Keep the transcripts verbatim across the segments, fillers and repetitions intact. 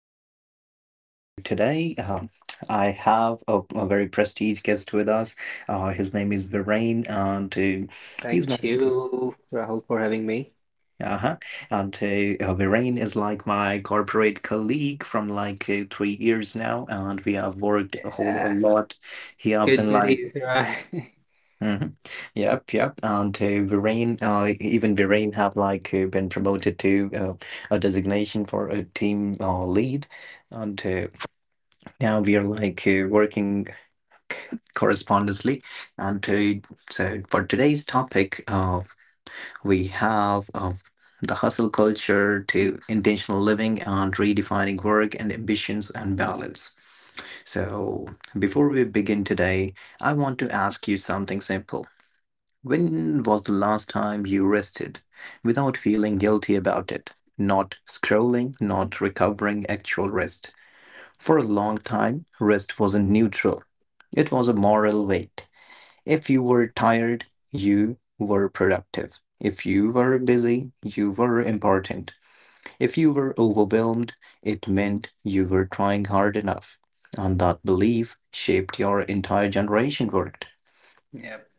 joining in again. So today, um, I have a, a very prestigious guest with us. Uh, his name is Viren, and uh, he's my. Thank you, Rahul, for having me. Uh-huh. And uh, uh, Viren is like my corporate colleague from like uh, three years now, and we have worked a whole a Yeah. lot. He have been Good like. buddies, right? Mhm. Yep, yep. And uh, Varane, uh, even Varane have like uh, been promoted to uh, a designation for a team uh, lead, and uh, now we are like uh, working correspondently. And uh, so for today's topic, of we have of the hustle culture to intentional living and redefining work and ambitions and balance. So before we begin today, I want to ask you something simple. When was the last time you rested without feeling guilty about it? Not scrolling, not recovering actual rest. For a long time, rest wasn't neutral. It was a moral weight. If you were tired, you were productive. If you were busy, you were important. If you were overwhelmed, it meant you were trying hard enough. And that belief shaped your entire generation world. Yep.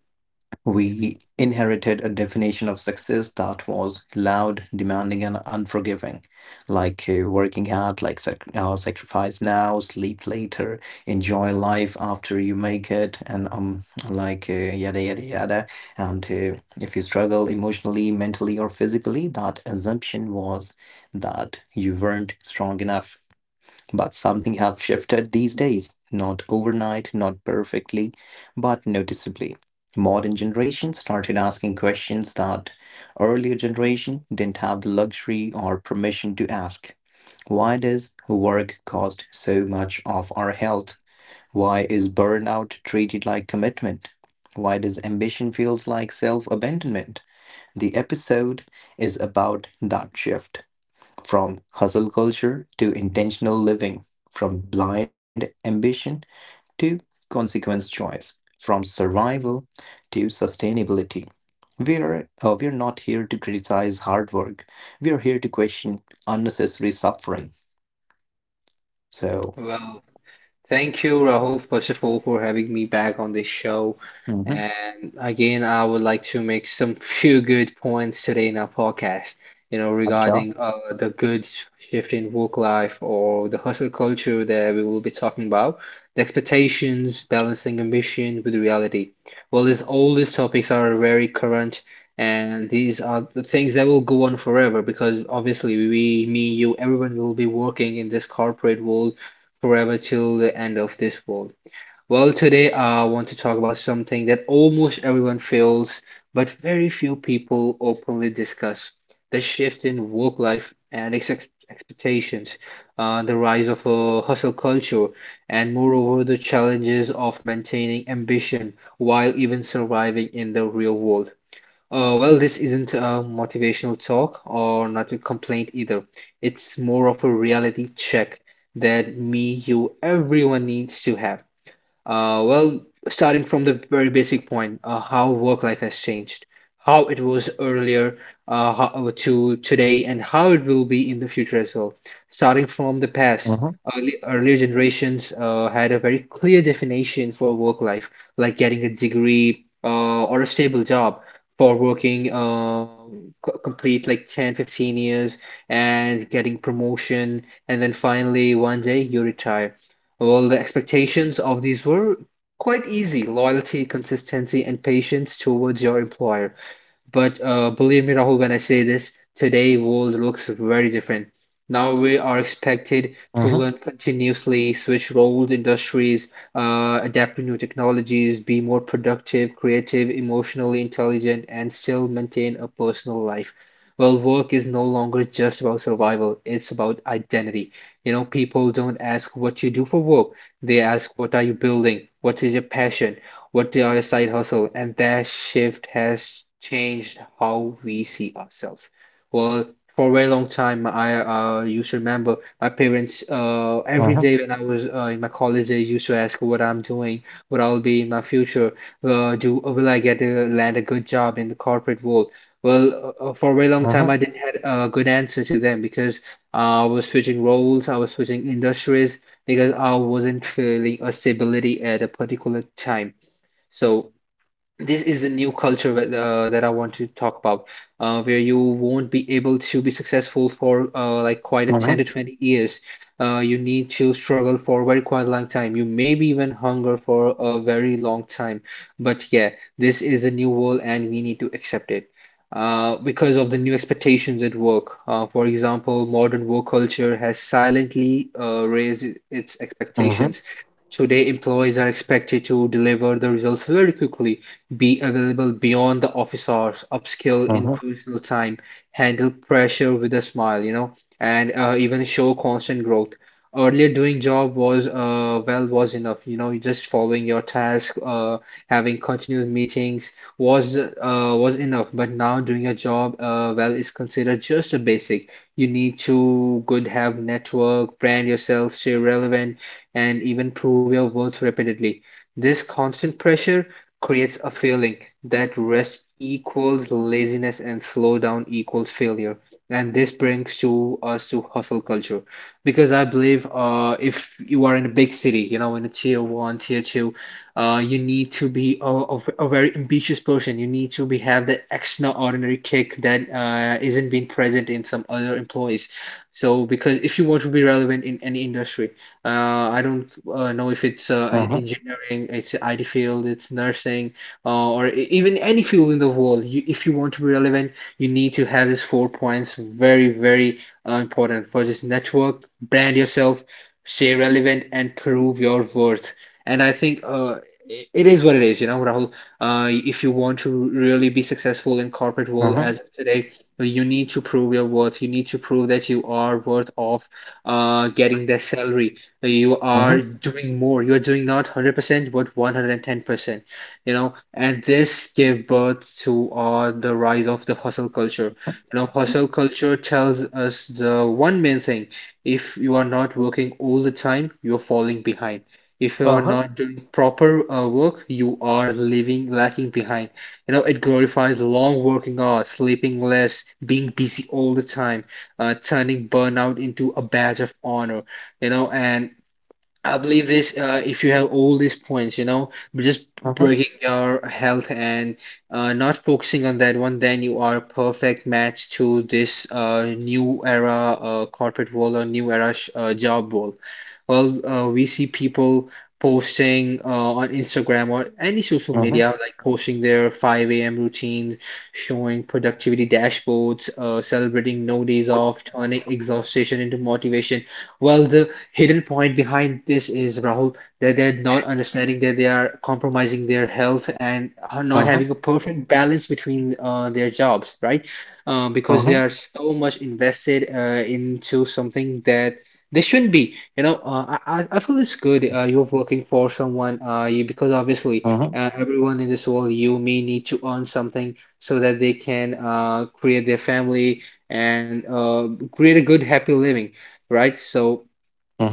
We inherited a definition of success that was loud, demanding, and unforgiving, like uh, working hard, like sac- uh, sacrifice now, sleep later, enjoy life after you make it, and um, like uh, yada yada yada. And uh, If you struggle emotionally, mentally, or physically, that assumption was that you weren't strong enough. But something have shifted these days, not overnight, not perfectly, but noticeably. Modern generation started asking questions that earlier generation didn't have the luxury or permission to ask. Why does work cost so much of our health? Why is burnout treated like commitment? Why does ambition feels like self-abandonment? The episode is about that shift from hustle culture to intentional living, from blind ambition to consequence choice, from survival to sustainability. We are, uh, we are not here to criticize hard work. We are here to question unnecessary suffering. So. Well, Thank you, Rahul, first of all, for having me back on this show. Mm-hmm. And again, I would like to make some few good points today in our podcast, you know, Acha. regarding uh, the good shift in work life or the hustle culture that we will be talking about, the expectations, balancing ambition with reality. Well, these all these topics are very current, and these are the things that will go on forever because obviously we, me, you, everyone will be working in this corporate world forever till the end of this world. Well, today I want to talk about something that almost everyone feels, but very few people openly discuss the shift in work life and ex expectations, uh, the rise of a hustle culture, and moreover, the challenges of maintaining ambition while even surviving in the real world. Uh, well, this isn't a motivational talk or not a complaint either. It's more of a reality check that me, you, everyone needs to have. Uh, well, starting from the very basic point, uh, how work life has changed, how it was earlier uh, how, to today, and how it will be in the future as well. Starting from the past, Mm-hmm. early, earlier generations uh, had a very clear definition for work life, like getting a degree uh, or a stable job for working uh, co- complete like ten, fifteen years and getting promotion, and then finally one day you retire. Well, the expectations of these were quite easy: loyalty, consistency, and patience towards your employer. But uh, believe me, Rahul, when I say this, today world looks very different. Now we are expected to learn continuously, switch roles, industries, uh, adapt to new technologies, be more productive, creative, emotionally intelligent, and still maintain a personal life. Well, work is no longer just about survival, it's about identity. You know, people don't ask what you do for work. They ask, what are you building? What is your passion? What are your side hustle? And that shift has changed how we see ourselves. Well, for a very long time, I uh, used to remember my parents uh, every day Mm-hmm. when I was uh, in my college. They used to ask what I'm doing, what I'll be in my future. Uh, do Will I get a, land a good job in the corporate world? Well, uh, uh, for a very long Mm-hmm. time, I didn't had a good answer to them because uh, I was switching roles, I was switching industries because I wasn't feeling a stability at a particular time. So this is the new culture with, uh, that I want to talk about, uh, where you won't be able to be successful for uh, like quite a ten to Mm-hmm. twenty years. Uh, you need to struggle for very quite a long time. You maybe even hunger for a very long time. But yeah, this is the new world and we need to accept it. Uh, because of the new expectations at work. Uh, for example, modern work culture has silently uh, raised its Mm-hmm. expectations. Today, employees are expected to deliver the results very quickly, be available beyond the office hours, upskill in personal time, handle pressure with a smile, you know, and uh, even show constant growth. Earlier, doing job was uh, well was enough, you know, you just following your task, uh, having continuous meetings was uh, was enough. But now, doing a job uh, well is considered just a basic. You need to good have network, brand yourself, stay relevant, and even prove your worth repeatedly. This constant pressure creates a feeling that rest equals laziness and slow down equals failure. And this brings to us to hustle culture, because I believe uh, if you are in a big city, you know, in a tier one, tier two, uh, you need to be a, a, a very ambitious person. You need to be have the extraordinary kick that uh, isn't being present in some other employees. So, because if you want to be relevant in any industry, uh, I don't uh, know if it's uh, e-, Mm-hmm. engineering, it's I T field, it's nursing, uh, or e- even any field in the world. You, if you want to be relevant, you need to have these four points very, very uh, important. For this network, brand yourself, stay relevant, and prove your worth. And I think uh, it it is what it is, you know, Rahul. Uh, if you want to really be successful in corporate Mm-hmm. world Mm-hmm. as of today, you need to prove your worth. You need to prove that you are worth of uh, getting the salary. You are doing more. You are doing not one hundred percent, but one hundred ten percent, you know, and this gave birth to uh, the rise of the hustle culture. You know, hustle culture tells us the one main thing. If you are not working all the time, you're falling behind. If you're Uh-huh. not doing proper uh, work, you are leaving lacking behind. You know, it glorifies long working hours, sleeping less, being busy all the time, uh, turning burnout into a badge of honor. You know, and I believe this, uh, if you have all these points, you know, just Mm-hmm. breaking your health and uh, not focusing on that one, then you are a perfect match to this uh, new era uh, corporate world or new era sh uh, job world. Well, uh, we see people posting uh, on Instagram or any social Mm-hmm. Uh-huh. media, Uh-huh. like posting their five a m routine, showing productivity dashboards, uh, celebrating no days off, turning exhaustion into motivation. Well, the hidden point behind this is, Rahul, that they're not understanding that they are compromising their health and are not Uh-huh. having a perfect balance between uh, their jobs, right? Uh, because they are so much invested uh, into something that they shouldn't be. You know, uh, I, I I feel it's good uh, you're working for someone uh, you, because obviously uh, everyone in this world, you may need to earn something so that they can uh, create their family and uh, create a good, happy living, right? So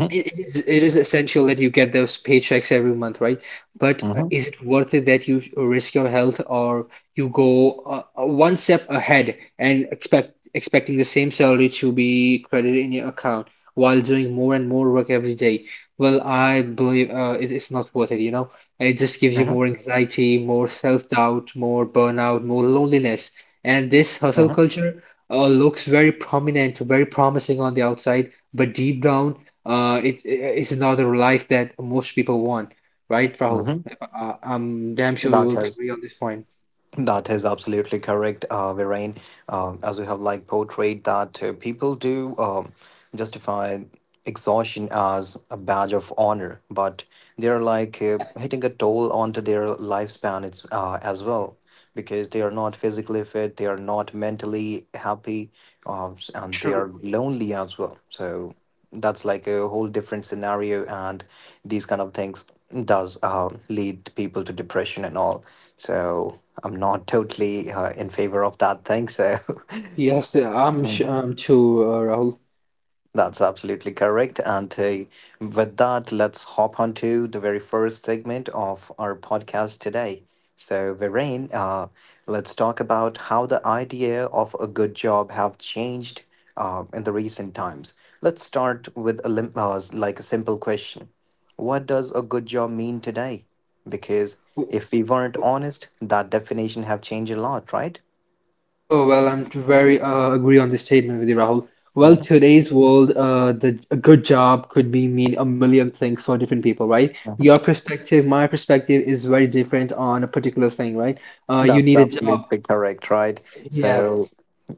it it is, it is essential that you get those paychecks every month, right? But uh, Uh-huh. is it worth it that you sh- risk your health or you go uh, uh, one step ahead and expect expecting the same salary to be credited in your account while doing more and more work every day? Well, I believe uh, it, it's not worth it, you know? It just gives you more anxiety, more self-doubt, more burnout, more loneliness. And this hustle Uh-huh. culture uh, looks very prominent, very promising on the outside, but deep down, uh, it it's another life that most people want, right, Rahul? Uh-huh. Uh, I'm damn sure we That will has agree on this point. that is absolutely correct, uh, Virain. Um, as we have like portrayed that uh, people do um, justify exhaustion as a badge of honor, but they're like uh, Yeah, hitting a toll onto their lifespan. It's, uh, as well, because they are not physically fit, they are not mentally happy, um, s- and they true. are lonely as well. So that's like a whole different scenario, and these kind of things does uh, lead people to depression and all. So I'm not totally uh, in favor of that thing. So. Yes, uh, I'm sh um too, uh, Rahul. That's absolutely correct. And uh, With that, let's hop on to the very first segment of our podcast today. So, Viren, uh, let's talk about how the idea of a good job have changed uh, in the recent times. Let's start with a lim- uh, like a simple question. What does a good job mean today? Because if we weren't honest, that definition have changed a lot, right? Oh, well, I'm very uh, agree on this statement with you, Rahul. Well, today's world, uh, the a good job could be mean a million things for different people, right? Your perspective, my perspective is very different on a particular thing, right? Uh, you That's need a job. absolutely correct, right? Yeah, So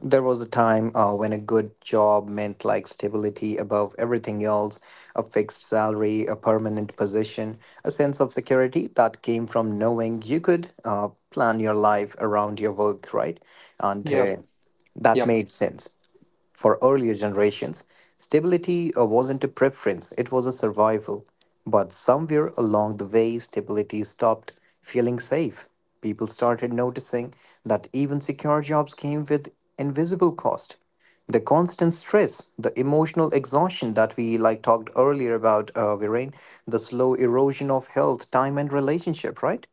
there was a time uh, when a good job meant like stability above everything else, a fixed salary, a permanent position, a sense of security that came from knowing you could uh, plan your life around your work, right? And yeah, uh, That yep, made sense. For earlier generations, stability uh, wasn't a preference, it was a survival. But somewhere along the way, stability stopped feeling safe. People started noticing that even secure jobs came with invisible cost. The constant stress, the emotional exhaustion that we like talked earlier about, uh, Viren, the slow erosion of health, time, and relationship, right?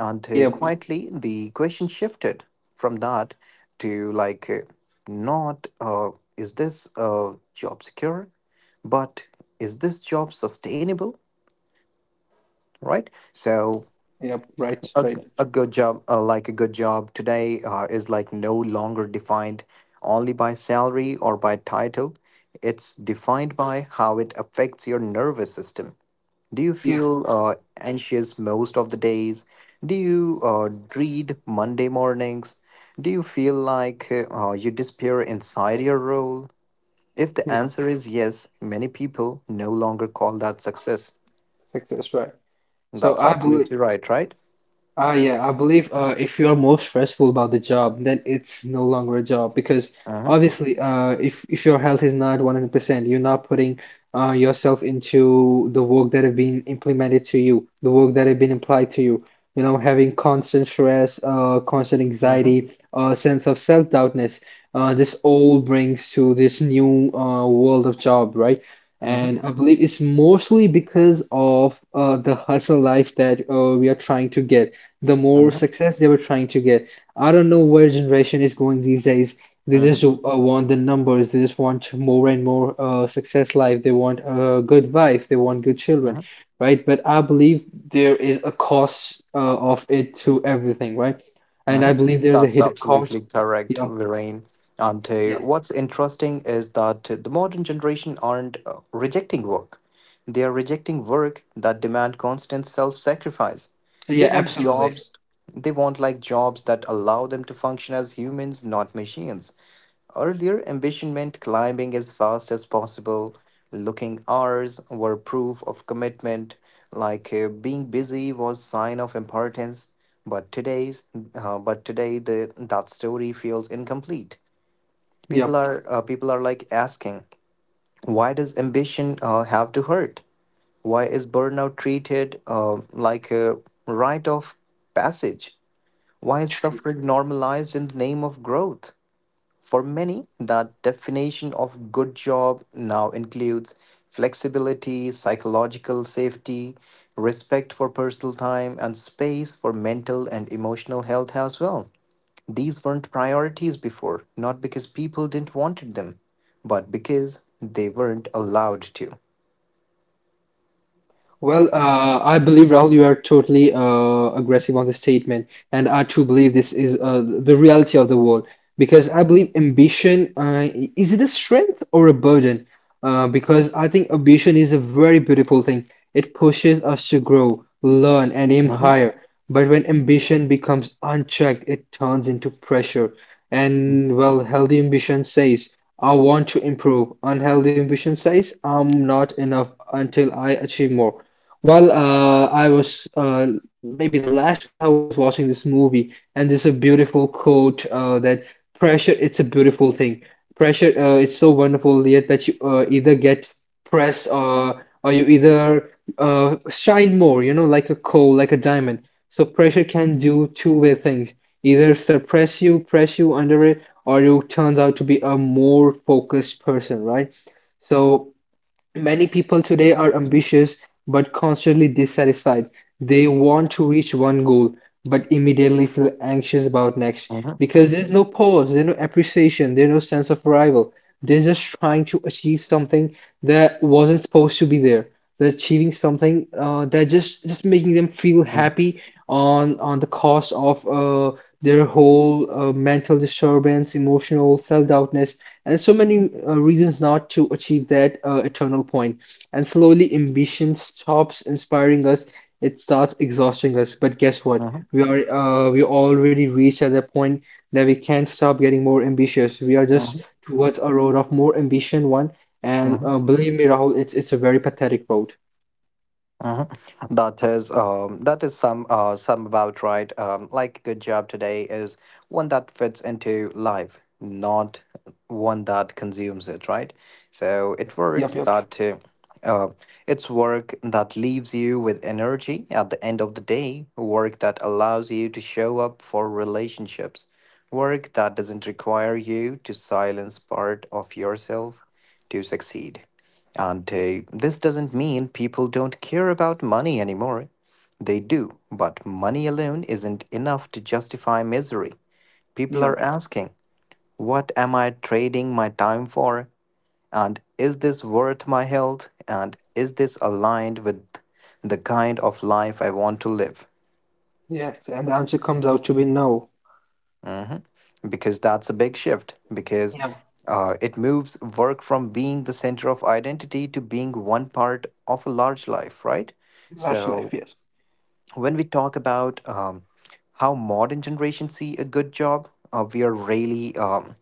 And uh, yep, Quietly, the question shifted from that to like, uh, not uh, is this uh, job secure, but is this job sustainable? Right. So yep, right, a, g- right. a good job, uh, like a good job today, uh, is like no longer defined only by salary or by title. It's defined by how it affects your nervous system. Do you Yeah. feel uh, anxious most of the days? Do you uh, dread Monday mornings? Do you feel like uh, you disappear inside your role? If the Yeah, answer is yes, many people no longer call that success. success, right. So That's I believe, absolutely right, right? ah, yeah, I believe uh, if you are more stressful about the job, then it's no longer a job because Uh-huh, obviously, uh, if if your health is not one hundred percent, you're not putting uh, yourself into the work that have been implemented to you, the work that have been applied to you. You know, having constant stress, uh, constant uh-huh, anxiety, uh, sense of self-doubtness. Uh, this all brings to this new uh, world of job, right? uh-huh, And I believe it's mostly because of uh, the hustle life that uh, we are trying to get, the more uh-huh, success they were trying to get. I don't know where generation is going these days. They uh-huh, just uh, want the numbers. They just want more and more uh, success life. They want a good wife. They want good children, uh-huh. right? But I believe there is a cost uh, of it to everything, right? And I Mhm. believe there's a That's hidden absolutely cost. correct, Yep, Viren. And uh, yep, What's interesting is that the modern generation aren't uh, rejecting work. They are rejecting work that demand constant self-sacrifice. They yeah, want absolutely. jobs, they want like jobs that allow them to function as humans, not machines. Earlier ambition meant climbing as fast as possible. Looking hours were proof of commitment, like uh, being busy was sign of importance. But today's, uh, but today the that story feels incomplete. People Yep, are uh, people are like asking, why does ambition uh, have to hurt? Why is burnout treated uh, like a rite of passage? Why is true. suffering normalized in the name of growth? For many, the definition of good job now includes flexibility, psychological safety, respect for personal time, and space for mental and emotional health as well. These weren't priorities before, not because people didn't want them, but because they weren't allowed to. Yep. Well, uh, I believe, Rahul, you are totally uh, aggressive on the statement, and I too believe this is uh, the reality of the world because I believe ambition uh, is it a strength or a burden? Uh, because I think ambition is a very beautiful thing. It pushes us to grow, learn, and aim Mhm, higher. But when ambition becomes unchecked, it turns into pressure. And well, healthy ambition says, I want to improve. Unhealthy ambition says, I'm not enough until I achieve more. Well, uh, I was uh, Maybe the last month I was watching this movie, and there's a beautiful quote uh, that pressure, it's a beautiful thing. Pressure, uh, it's so wonderful yet that you uh, either get press or or you either uh, shine more, you know, like a coal, like a diamond. So pressure can do two-way things. Either suppress you, press you under it, or you turns out to be a more focused person, right? So. Many people today are ambitious but constantly dissatisfied. They want to reach one goal but immediately feel anxious about next mhm, because there's no pause, there's no appreciation, there's no sense of arrival. They're just trying to achieve something that wasn't supposed to be there, they're achieving something uh, they're just just making them feel mhm, happy on on the cost of uh, their whole uh, mental disturbance, emotional self-doubtness, and so many uh, reasons not to achieve that uh, eternal point point. And slowly ambition stops inspiring us, it starts exhausting us. But guess what, mhm, we are uh, we already reached at that point that we can't stop getting more ambitious. We are just mhm, towards a road of more ambition one. And mhm. uh, believe me, Rahul, it's it's a very pathetic road. Mhm. That is um that is some uh some about right. Um like good job today is one that fits into life, not one that consumes it, right? So Yep, it works yep, yep, that uh, uh it's work that leaves you with energy at the end of the day, work that allows you to show up for relationships, work that doesn't require you to silence part of yourself to succeed. And uh, This doesn't mean people don't care about money anymore. They do, but money alone isn't enough to justify misery. People are yep. asking, what am I trading my time for? And is this worth my health? And is this aligned with the kind of life I want to live? Yes, and the answer comes out to be no. hmm Because that's a big shift, because Yep, uh, it moves work from being the center of identity to being one part of a large life, right? So rush life, yes. when we talk about um, how modern generation see a good job, uh, we are really um,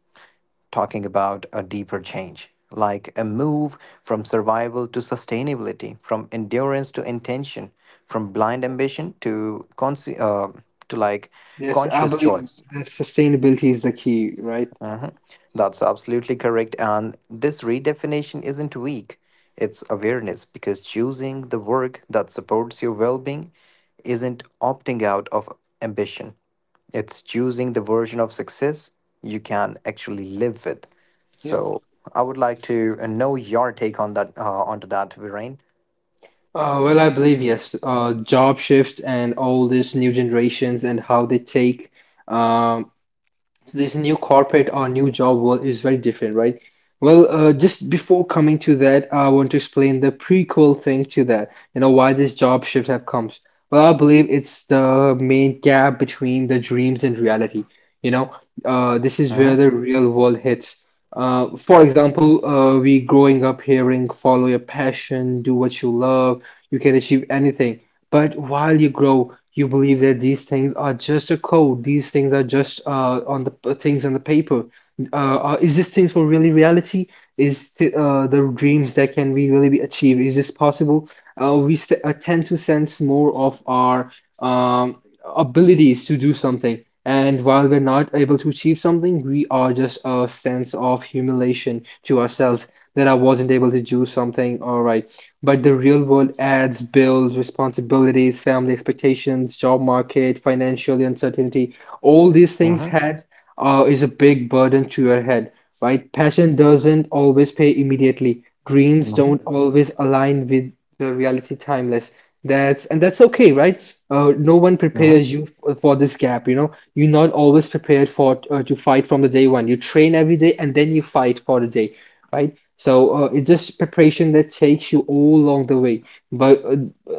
talking about a deeper change, like a move from survival to sustainability, from endurance to intention, from blind ambition to con- uh, to like Yes, I conscious believe choice. that sustainability is the key, right? Mhm. That's absolutely correct. And this redefinition isn't weak, it's awareness, because choosing the work that supports your well being isn't opting out of ambition. It's choosing the version of success you can actually live with. Yep. So I would like to uh, know your take on that, uh, onto that, Viren. Uh, well, I believe yes. Uh, job shifts and all these new generations and how they take um, this new corporate or new job world is very different, right? Well, uh, Mhm, just before coming to that, I want to explain the prequel thing to that. You know why this job shift have comes. Well, I believe it's the main gap between the dreams and reality. You know, uh, this is where mhm, the real world hits. Uh, for example, uh, we growing up hearing follow your passion, do what you love, you can achieve anything. But while you grow, you believe that these things are just a code. These things are just uh, on the things on the paper. Uh, uh, is this thing for really reality? Is th uh, The dreams that can be really be achieved? Is this possible? Uh, we s uh, Tend to sense more of our um, abilities to do something, and while we're not able to achieve something, we are just a sense of humiliation to ourselves that I wasn't able to do something. All right, but the real world adds bills, responsibilities, family expectations, job market, financial uncertainty. All these things mhm, had uh, is a big burden to your head, right? Passion doesn't always pay immediately. Dreams mhm, don't always align with the reality timeless. That's, and that's okay, right? Uh, no one mhm, prepares you f- for this gap, you know. You're not always prepared for uh, to fight from the day one. You train every day and then you fight for the day, right? So uh, it's just preparation that takes you all along the way. But uh,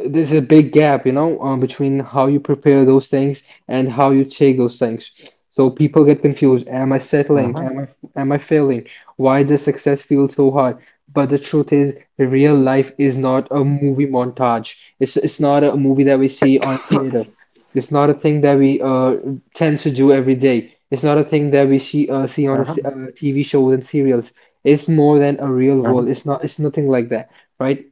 there's a big gap, you know, uh, between how you prepare those things and how you take those things. So people get confused. Am I settling? mhm, Am I am I failing? Why does success feel so hard? But the truth is, real life is not a movie montage. It's it's not a movie that we see on theater. It's not a thing that we uh tend to do every day. It's not a thing that we see uh, see on a, s- mhm, uh, T V shows and serials. It's more than a real mhm. world. It's not. It's nothing like that, right?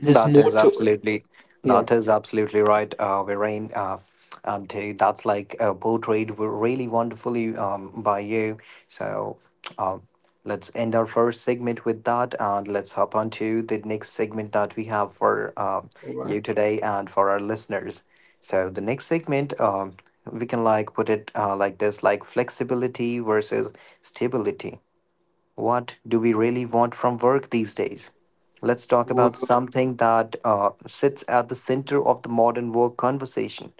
There's That more is to. absolutely, Yeah. that is absolutely right, uh, Viren. Uh, and uh, That's like uh, portrayed w- really wonderfully um, by you. So um, let's end our first segment with that, and let's hop on to the next segment that we have for uh, All you right. today and for our listeners. So the next segment, um, we can like put it uh, like this, like flexibility versus stability. What do we really want from work these days? Let's talk about Well, something that uh, sits at the center of the modern work conversation.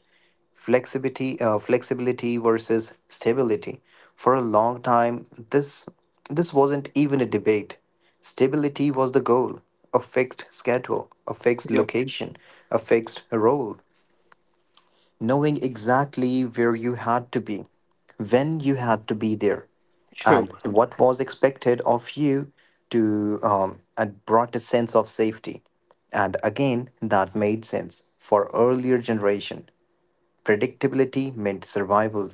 Flexibility uh, flexibility versus stability. For a long time, this this wasn't even a debate. Stability was the goal: a fixed schedule, a fixed yeah. location, a fixed role, knowing exactly where you had to be, when you had to be there, True. and what was expected of you to um, and brought a sense of safety. And again, that made sense for earlier generation. Predictability meant survival.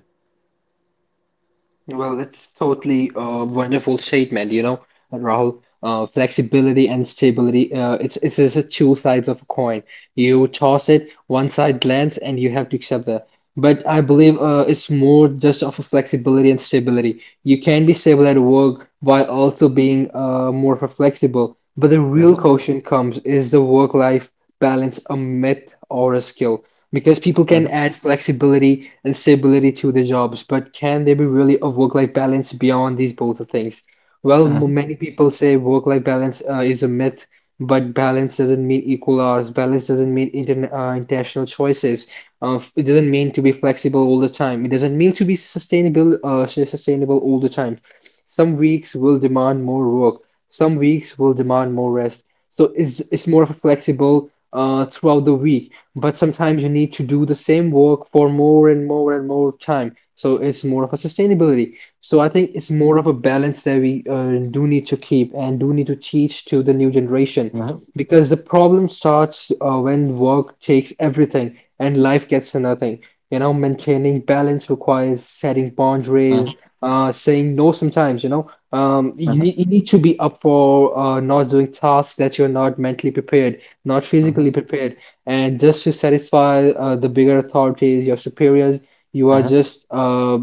Well, it's totally a wonderful statement, you know, Rahul. Uh, flexibility and stability, uh, it's it's just a two sides of a coin. You toss it, one side lands, and you have to accept that. But I believe uh, it's more just of a flexibility and stability. You can be stable at work while also being uh, more of a flexible. But the real Uh-huh, question comes is the work-life balance a myth or a skill? Because people can uh-huh, add flexibility and stability to their jobs, but can there be really a work-life balance beyond these both of things? Well, uh-huh, m- many people say work-life balance uh, is a myth, but balance doesn't mean equal hours. Balance doesn't mean intern uh, intentional choices. Uh, f- it doesn't mean to be flexible all the time. It doesn't mean to be sustainable, uh, s- sustainable all the time. Some weeks will demand more work, some weeks will demand more rest. So it's it's more flexible uh, throughout the week, but sometimes you need to do the same work for more and more and more time. So it's more of a sustainability. So I think it's more of a balance that we uh, do need to keep and do need to teach to the new generation. uh-huh, Because the problem starts uh, when work takes everything and life gets nothing. You know, maintaining balance requires setting boundaries, uh, saying no sometimes, you know. Um, you uh-huh, need, you need to be up for uh, not doing tasks that you're not mentally prepared, not uh-huh, physically prepared. And just to satisfy uh, the bigger authorities, your superiors, you are uh-huh, just uh,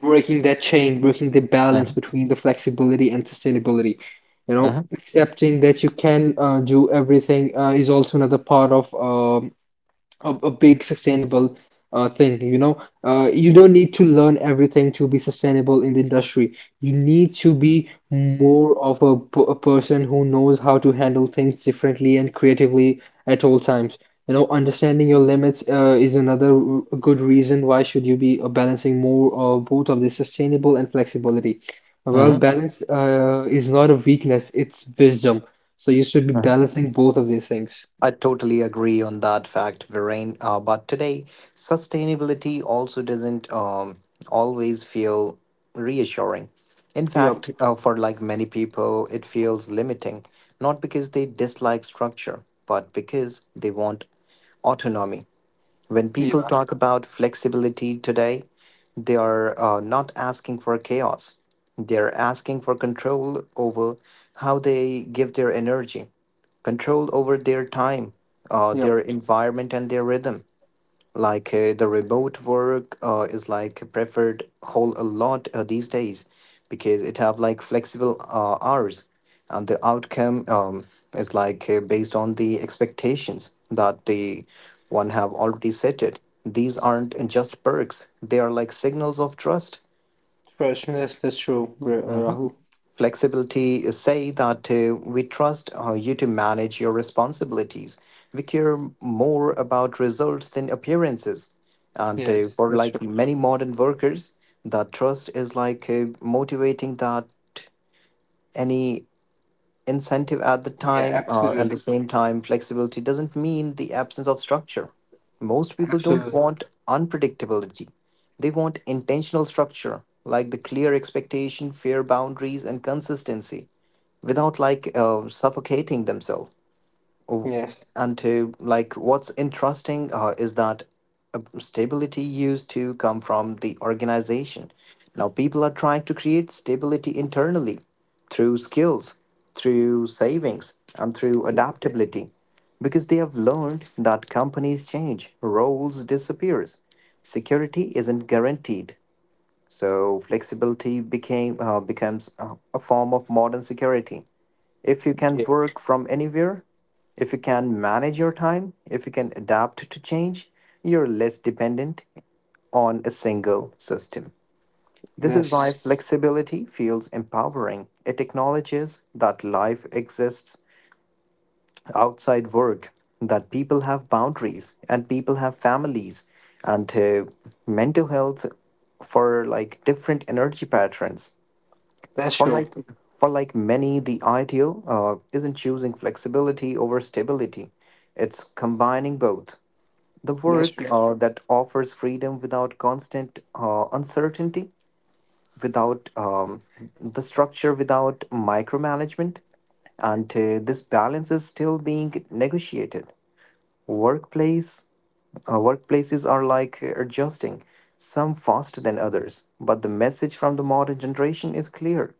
breaking that chain, breaking the balance between the flexibility and sustainability. You know, uh-huh, accepting that you can uh, do everything uh, is also another part of uh, a, a big sustainable uh, thing. You know, uh, you don't need to learn everything to be sustainable in the industry. You need to be more of a, p- a person who knows how to handle things differently and creatively at all times. You know, understanding your limits uh, is another r- good reason why should you be uh, balancing more uh, both of the sustainable and flexibility. Well, uh-huh. balance uh, is not a weakness, it's wisdom. So you should be Uh-huh. balancing both of these things. I totally agree on that fact, Viren. Uh, but today, sustainability also doesn't um, always feel reassuring. In Yep. fact, uh, for like many people, it feels limiting, not because they dislike structure, but because they want autonomy. When people Yeah. talk about flexibility today, they are uh, not asking for chaos. They're asking for control over how they give their energy, control over their time, uh, their Yep. environment, and their rhythm, like uh, the remote work uh, is like preferred whole a lot uh, these days, because it have like flexible uh, hours, and the outcome um, is like uh, based on the expectations that the one have already set it. These aren't just perks, they are like signals of trust. Freshness, that's true, Ra- uh, Rahul. Flexibility is say that uh, we trust uh, you to manage your responsibilities. We care more about results than appearances. And uh, Yes, For that's like true. many modern workers, that trust is like uh, motivating, that any incentive at the Yeah, time or at the absolutely. same time, flexibility doesn't mean the absence of structure. Most people don't Absolutely. want unpredictability, they want intentional structure, like the clear expectation, fair boundaries, and consistency without like uh, suffocating themselves. Oh, Yes. and to like what's interesting uh, is that uh, stability used to come from the organization. Now people are trying to create stability internally through skills, through savings, and through Yeah. adaptability because they have learned that companies change, roles disappears, security isn't guaranteed. So flexibility became uh, becomes uh, a form of modern security if you can Yeah. work from anywhere, if you can manage your time, if you can adapt to change, you're less dependent on a single system. This is why, That's yes, flexibility feels empowering. It acknowledges that life exists outside work, that people have boundaries, and people have families, and uh, mental health for like different energy patterns. that's For true. like for like many, the ideal uh, isn't choosing flexibility over stability. It's combining both. The That's work true. uh, that offers freedom without constant uh, uncertainty, without um, the structure, without micromanagement, and uh, this balance is still being negotiated. Workplace uh, workplaces are like adjusting, some faster than others, but the message from the modern generation is clear.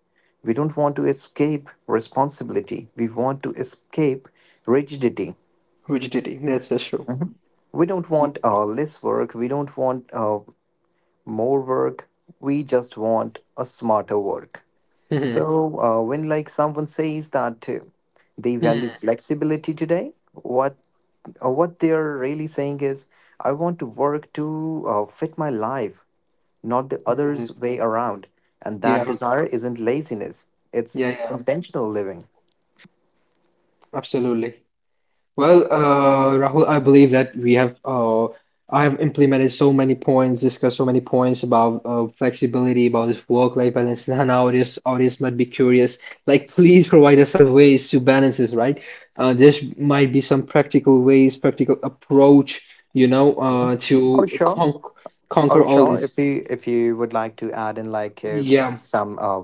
We don't want to escape responsibility. We want to escape rigidity. Rigidity. That's that's true. We don't want uh, less work. We don't want uh, more work. We just want a smarter work. Mm-hmm. So, uh, when like someone says that uh, they value flexibility today, what uh, what they're really saying is, I want to work to uh, fit my life, not the other's Hmm. way around. And that Yeah. desire isn't laziness; it's Yeah. Yeah. intentional living. Absolutely. Well, uh, Rahul, I believe that we have uh, I have implemented so many points, discussed so many points about uh, flexibility, about this work-life balance, and now, audience audience might be curious. Like, please provide us some ways to balance this, right? Uh, there might be some practical ways, practical approach, you know, Mhm. uh, Oh to sure, con oh conquer all sure. this. If you if you would like to add in like uh, Yeah. some uh,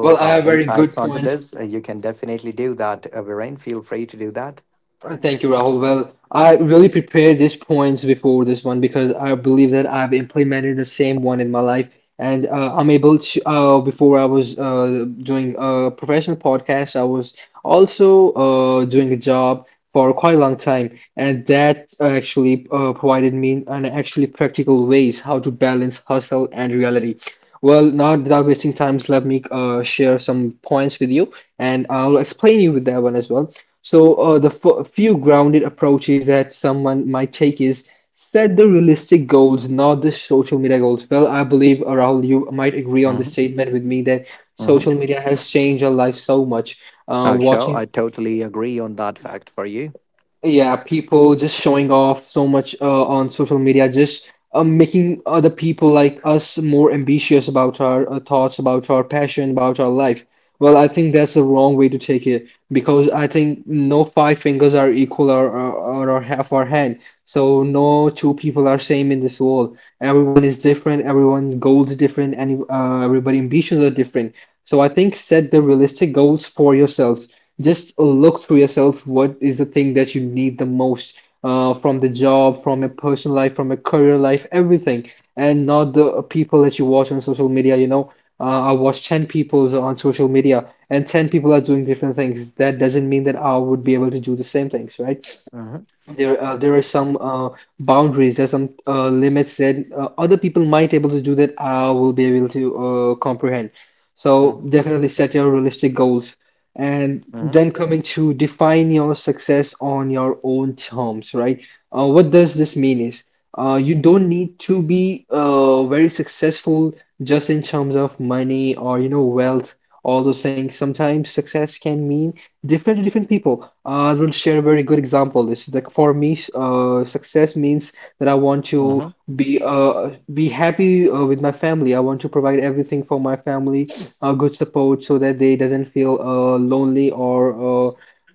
Well, I uh, have very insights good onto points. this, uh, you can definitely do that. Uh, Viren, feel free to do that. Thank you, Rahul. Well, I really prepared these points before this one because I believe that I've implemented the same one in my life. And uh, I'm able to, uh, before I was uh, doing a professional podcast, I was also uh, doing a job for quite a long time. And that uh, actually uh, provided me an actually practical ways how to balance hustle and reality. Well, not without wasting time, let me uh, share some points with you and I'll explain you with that one as well. So, uh, the f few grounded approaches that someone might take is set the realistic goals, not the social media goals. Well, I believe, uh, Rahul, you might agree on this Hmm. statement with me that social media has changed our life so much. Uh, Oh, sure. watching I totally agree on that fact for you. yeah, people just showing off so much uh, on social media, just uh, making other people like us more ambitious about our uh, thoughts, about our passion, about our life. Well, I think that's the wrong way to take it because I think no five fingers are equal or, or, or half our hand. So no two people are same in this world. Everyone is different. Everyone goals are different, and uh, everybody ambitions are different. So I think set the realistic goals for yourselves. Just look through yourself. What is the thing that you need the most uh, from the job, from a personal life, from a career life, everything, and not the people that you watch on social media. You know, uh, I watch ten people on social media, and ten people are doing different things. That doesn't mean that I would be able to do the same things, right? Hmm. there uh, there are some uh, boundaries, there are some uh, limits that uh, other people might able to do that I will be able to uh, comprehend. So Hmm. definitely set your realistic goals, and Hmm. then coming to define your success on your own terms, right? Uh, what does this mean is uh, you don't need to be uh, very successful just in terms of money or, you know, wealth, all those things. Sometimes success can mean different to different people. Uh, I will share a very good example. This is like for me, uh, success means that I want to Hmm. be uh, be happy uh, with my family. I want to provide everything for my family, a good support so that they doesn't feel uh, lonely or uh,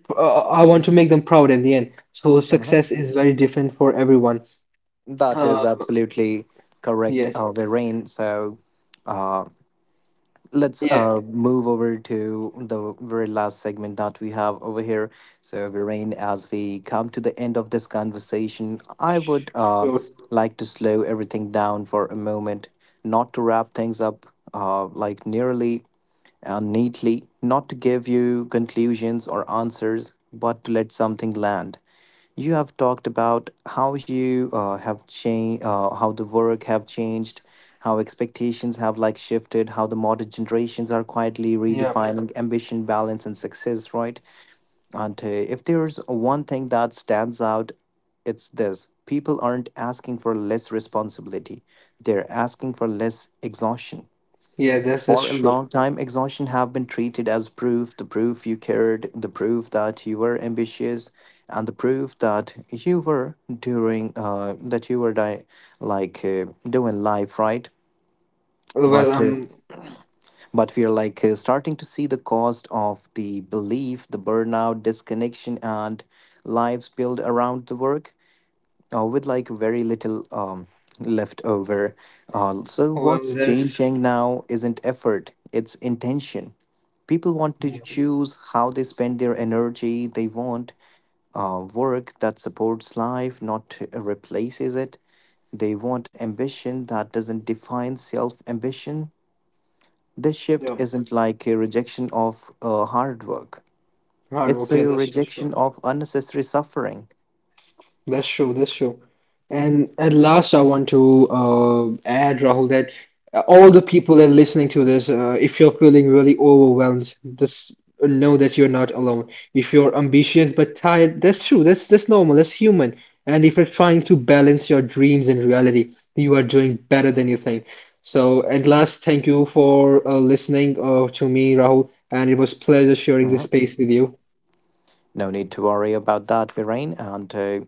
pr- uh, I want to make them proud at the end. So Hmm. success is very different for everyone. That Uh, is absolutely correct, yes, uh, Viren. So, uh, let's yeah, uh, move over to the very last segment that we have over here. So, Viren, as we come to the end of this conversation, I would uh, sure, like to slow everything down for a moment, not to wrap things up uh, like nearly and neatly, not to give you conclusions or answers, but to let something land. You have talked about how you uh, have changed, uh, how the work have changed, how expectations have like shifted, how the modern generations are quietly yeah, redefining ambition, balance, and success, right? And uh, if there's one thing that stands out, it's this: people aren't asking for less responsibility; they're asking for less exhaustion. yeah. That's that's For a long true. time, exhaustion have been treated as proof, the proof you cared, the proof that you were ambitious, and the proof that you were doing uh, that you were di- like uh, doing life right. Well, But uh, um, but we are like uh, starting to see the cost of the belief, the burnout, disconnection, and lives built around the work uh, with like very little um, left over. Uh, so, well, what's that's changing now isn't effort, it's intention. People want to yeah, choose how they spend their energy, they want uh, work that supports life, not uh, replaces it. They want ambition that doesn't define self ambition. This shift yeah. isn't like a rejection of uh, hard work, Hard it's work, yeah, a that's that's true. rejection of unnecessary suffering. That's true. That's true. And at last, I want to uh, add, Rahul, that uh, all the people that are listening to this, uh, if you're feeling really overwhelmed, just know that you're not alone. If you're ambitious but tired, that's true. That's that's normal. That's human. And if you're trying to balance your dreams and reality, you are doing better than you think. So at last, thank you for uh, listening uh, to me, Rahul, and it was pleasure sharing this Mhm. space with you. No need to worry about that, Bahrain. And uh,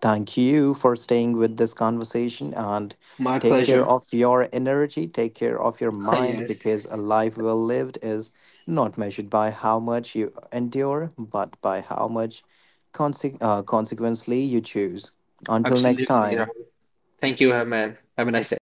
thank you for staying with this conversation and My take care pleasure. of your energy, take care of your mind Yes, because a life well lived is not measured by how much you endure, but by how much conse- uh, consequently you choose. Until next absolutely, time. Rahul. Thank you, uh, man. Have a nice day.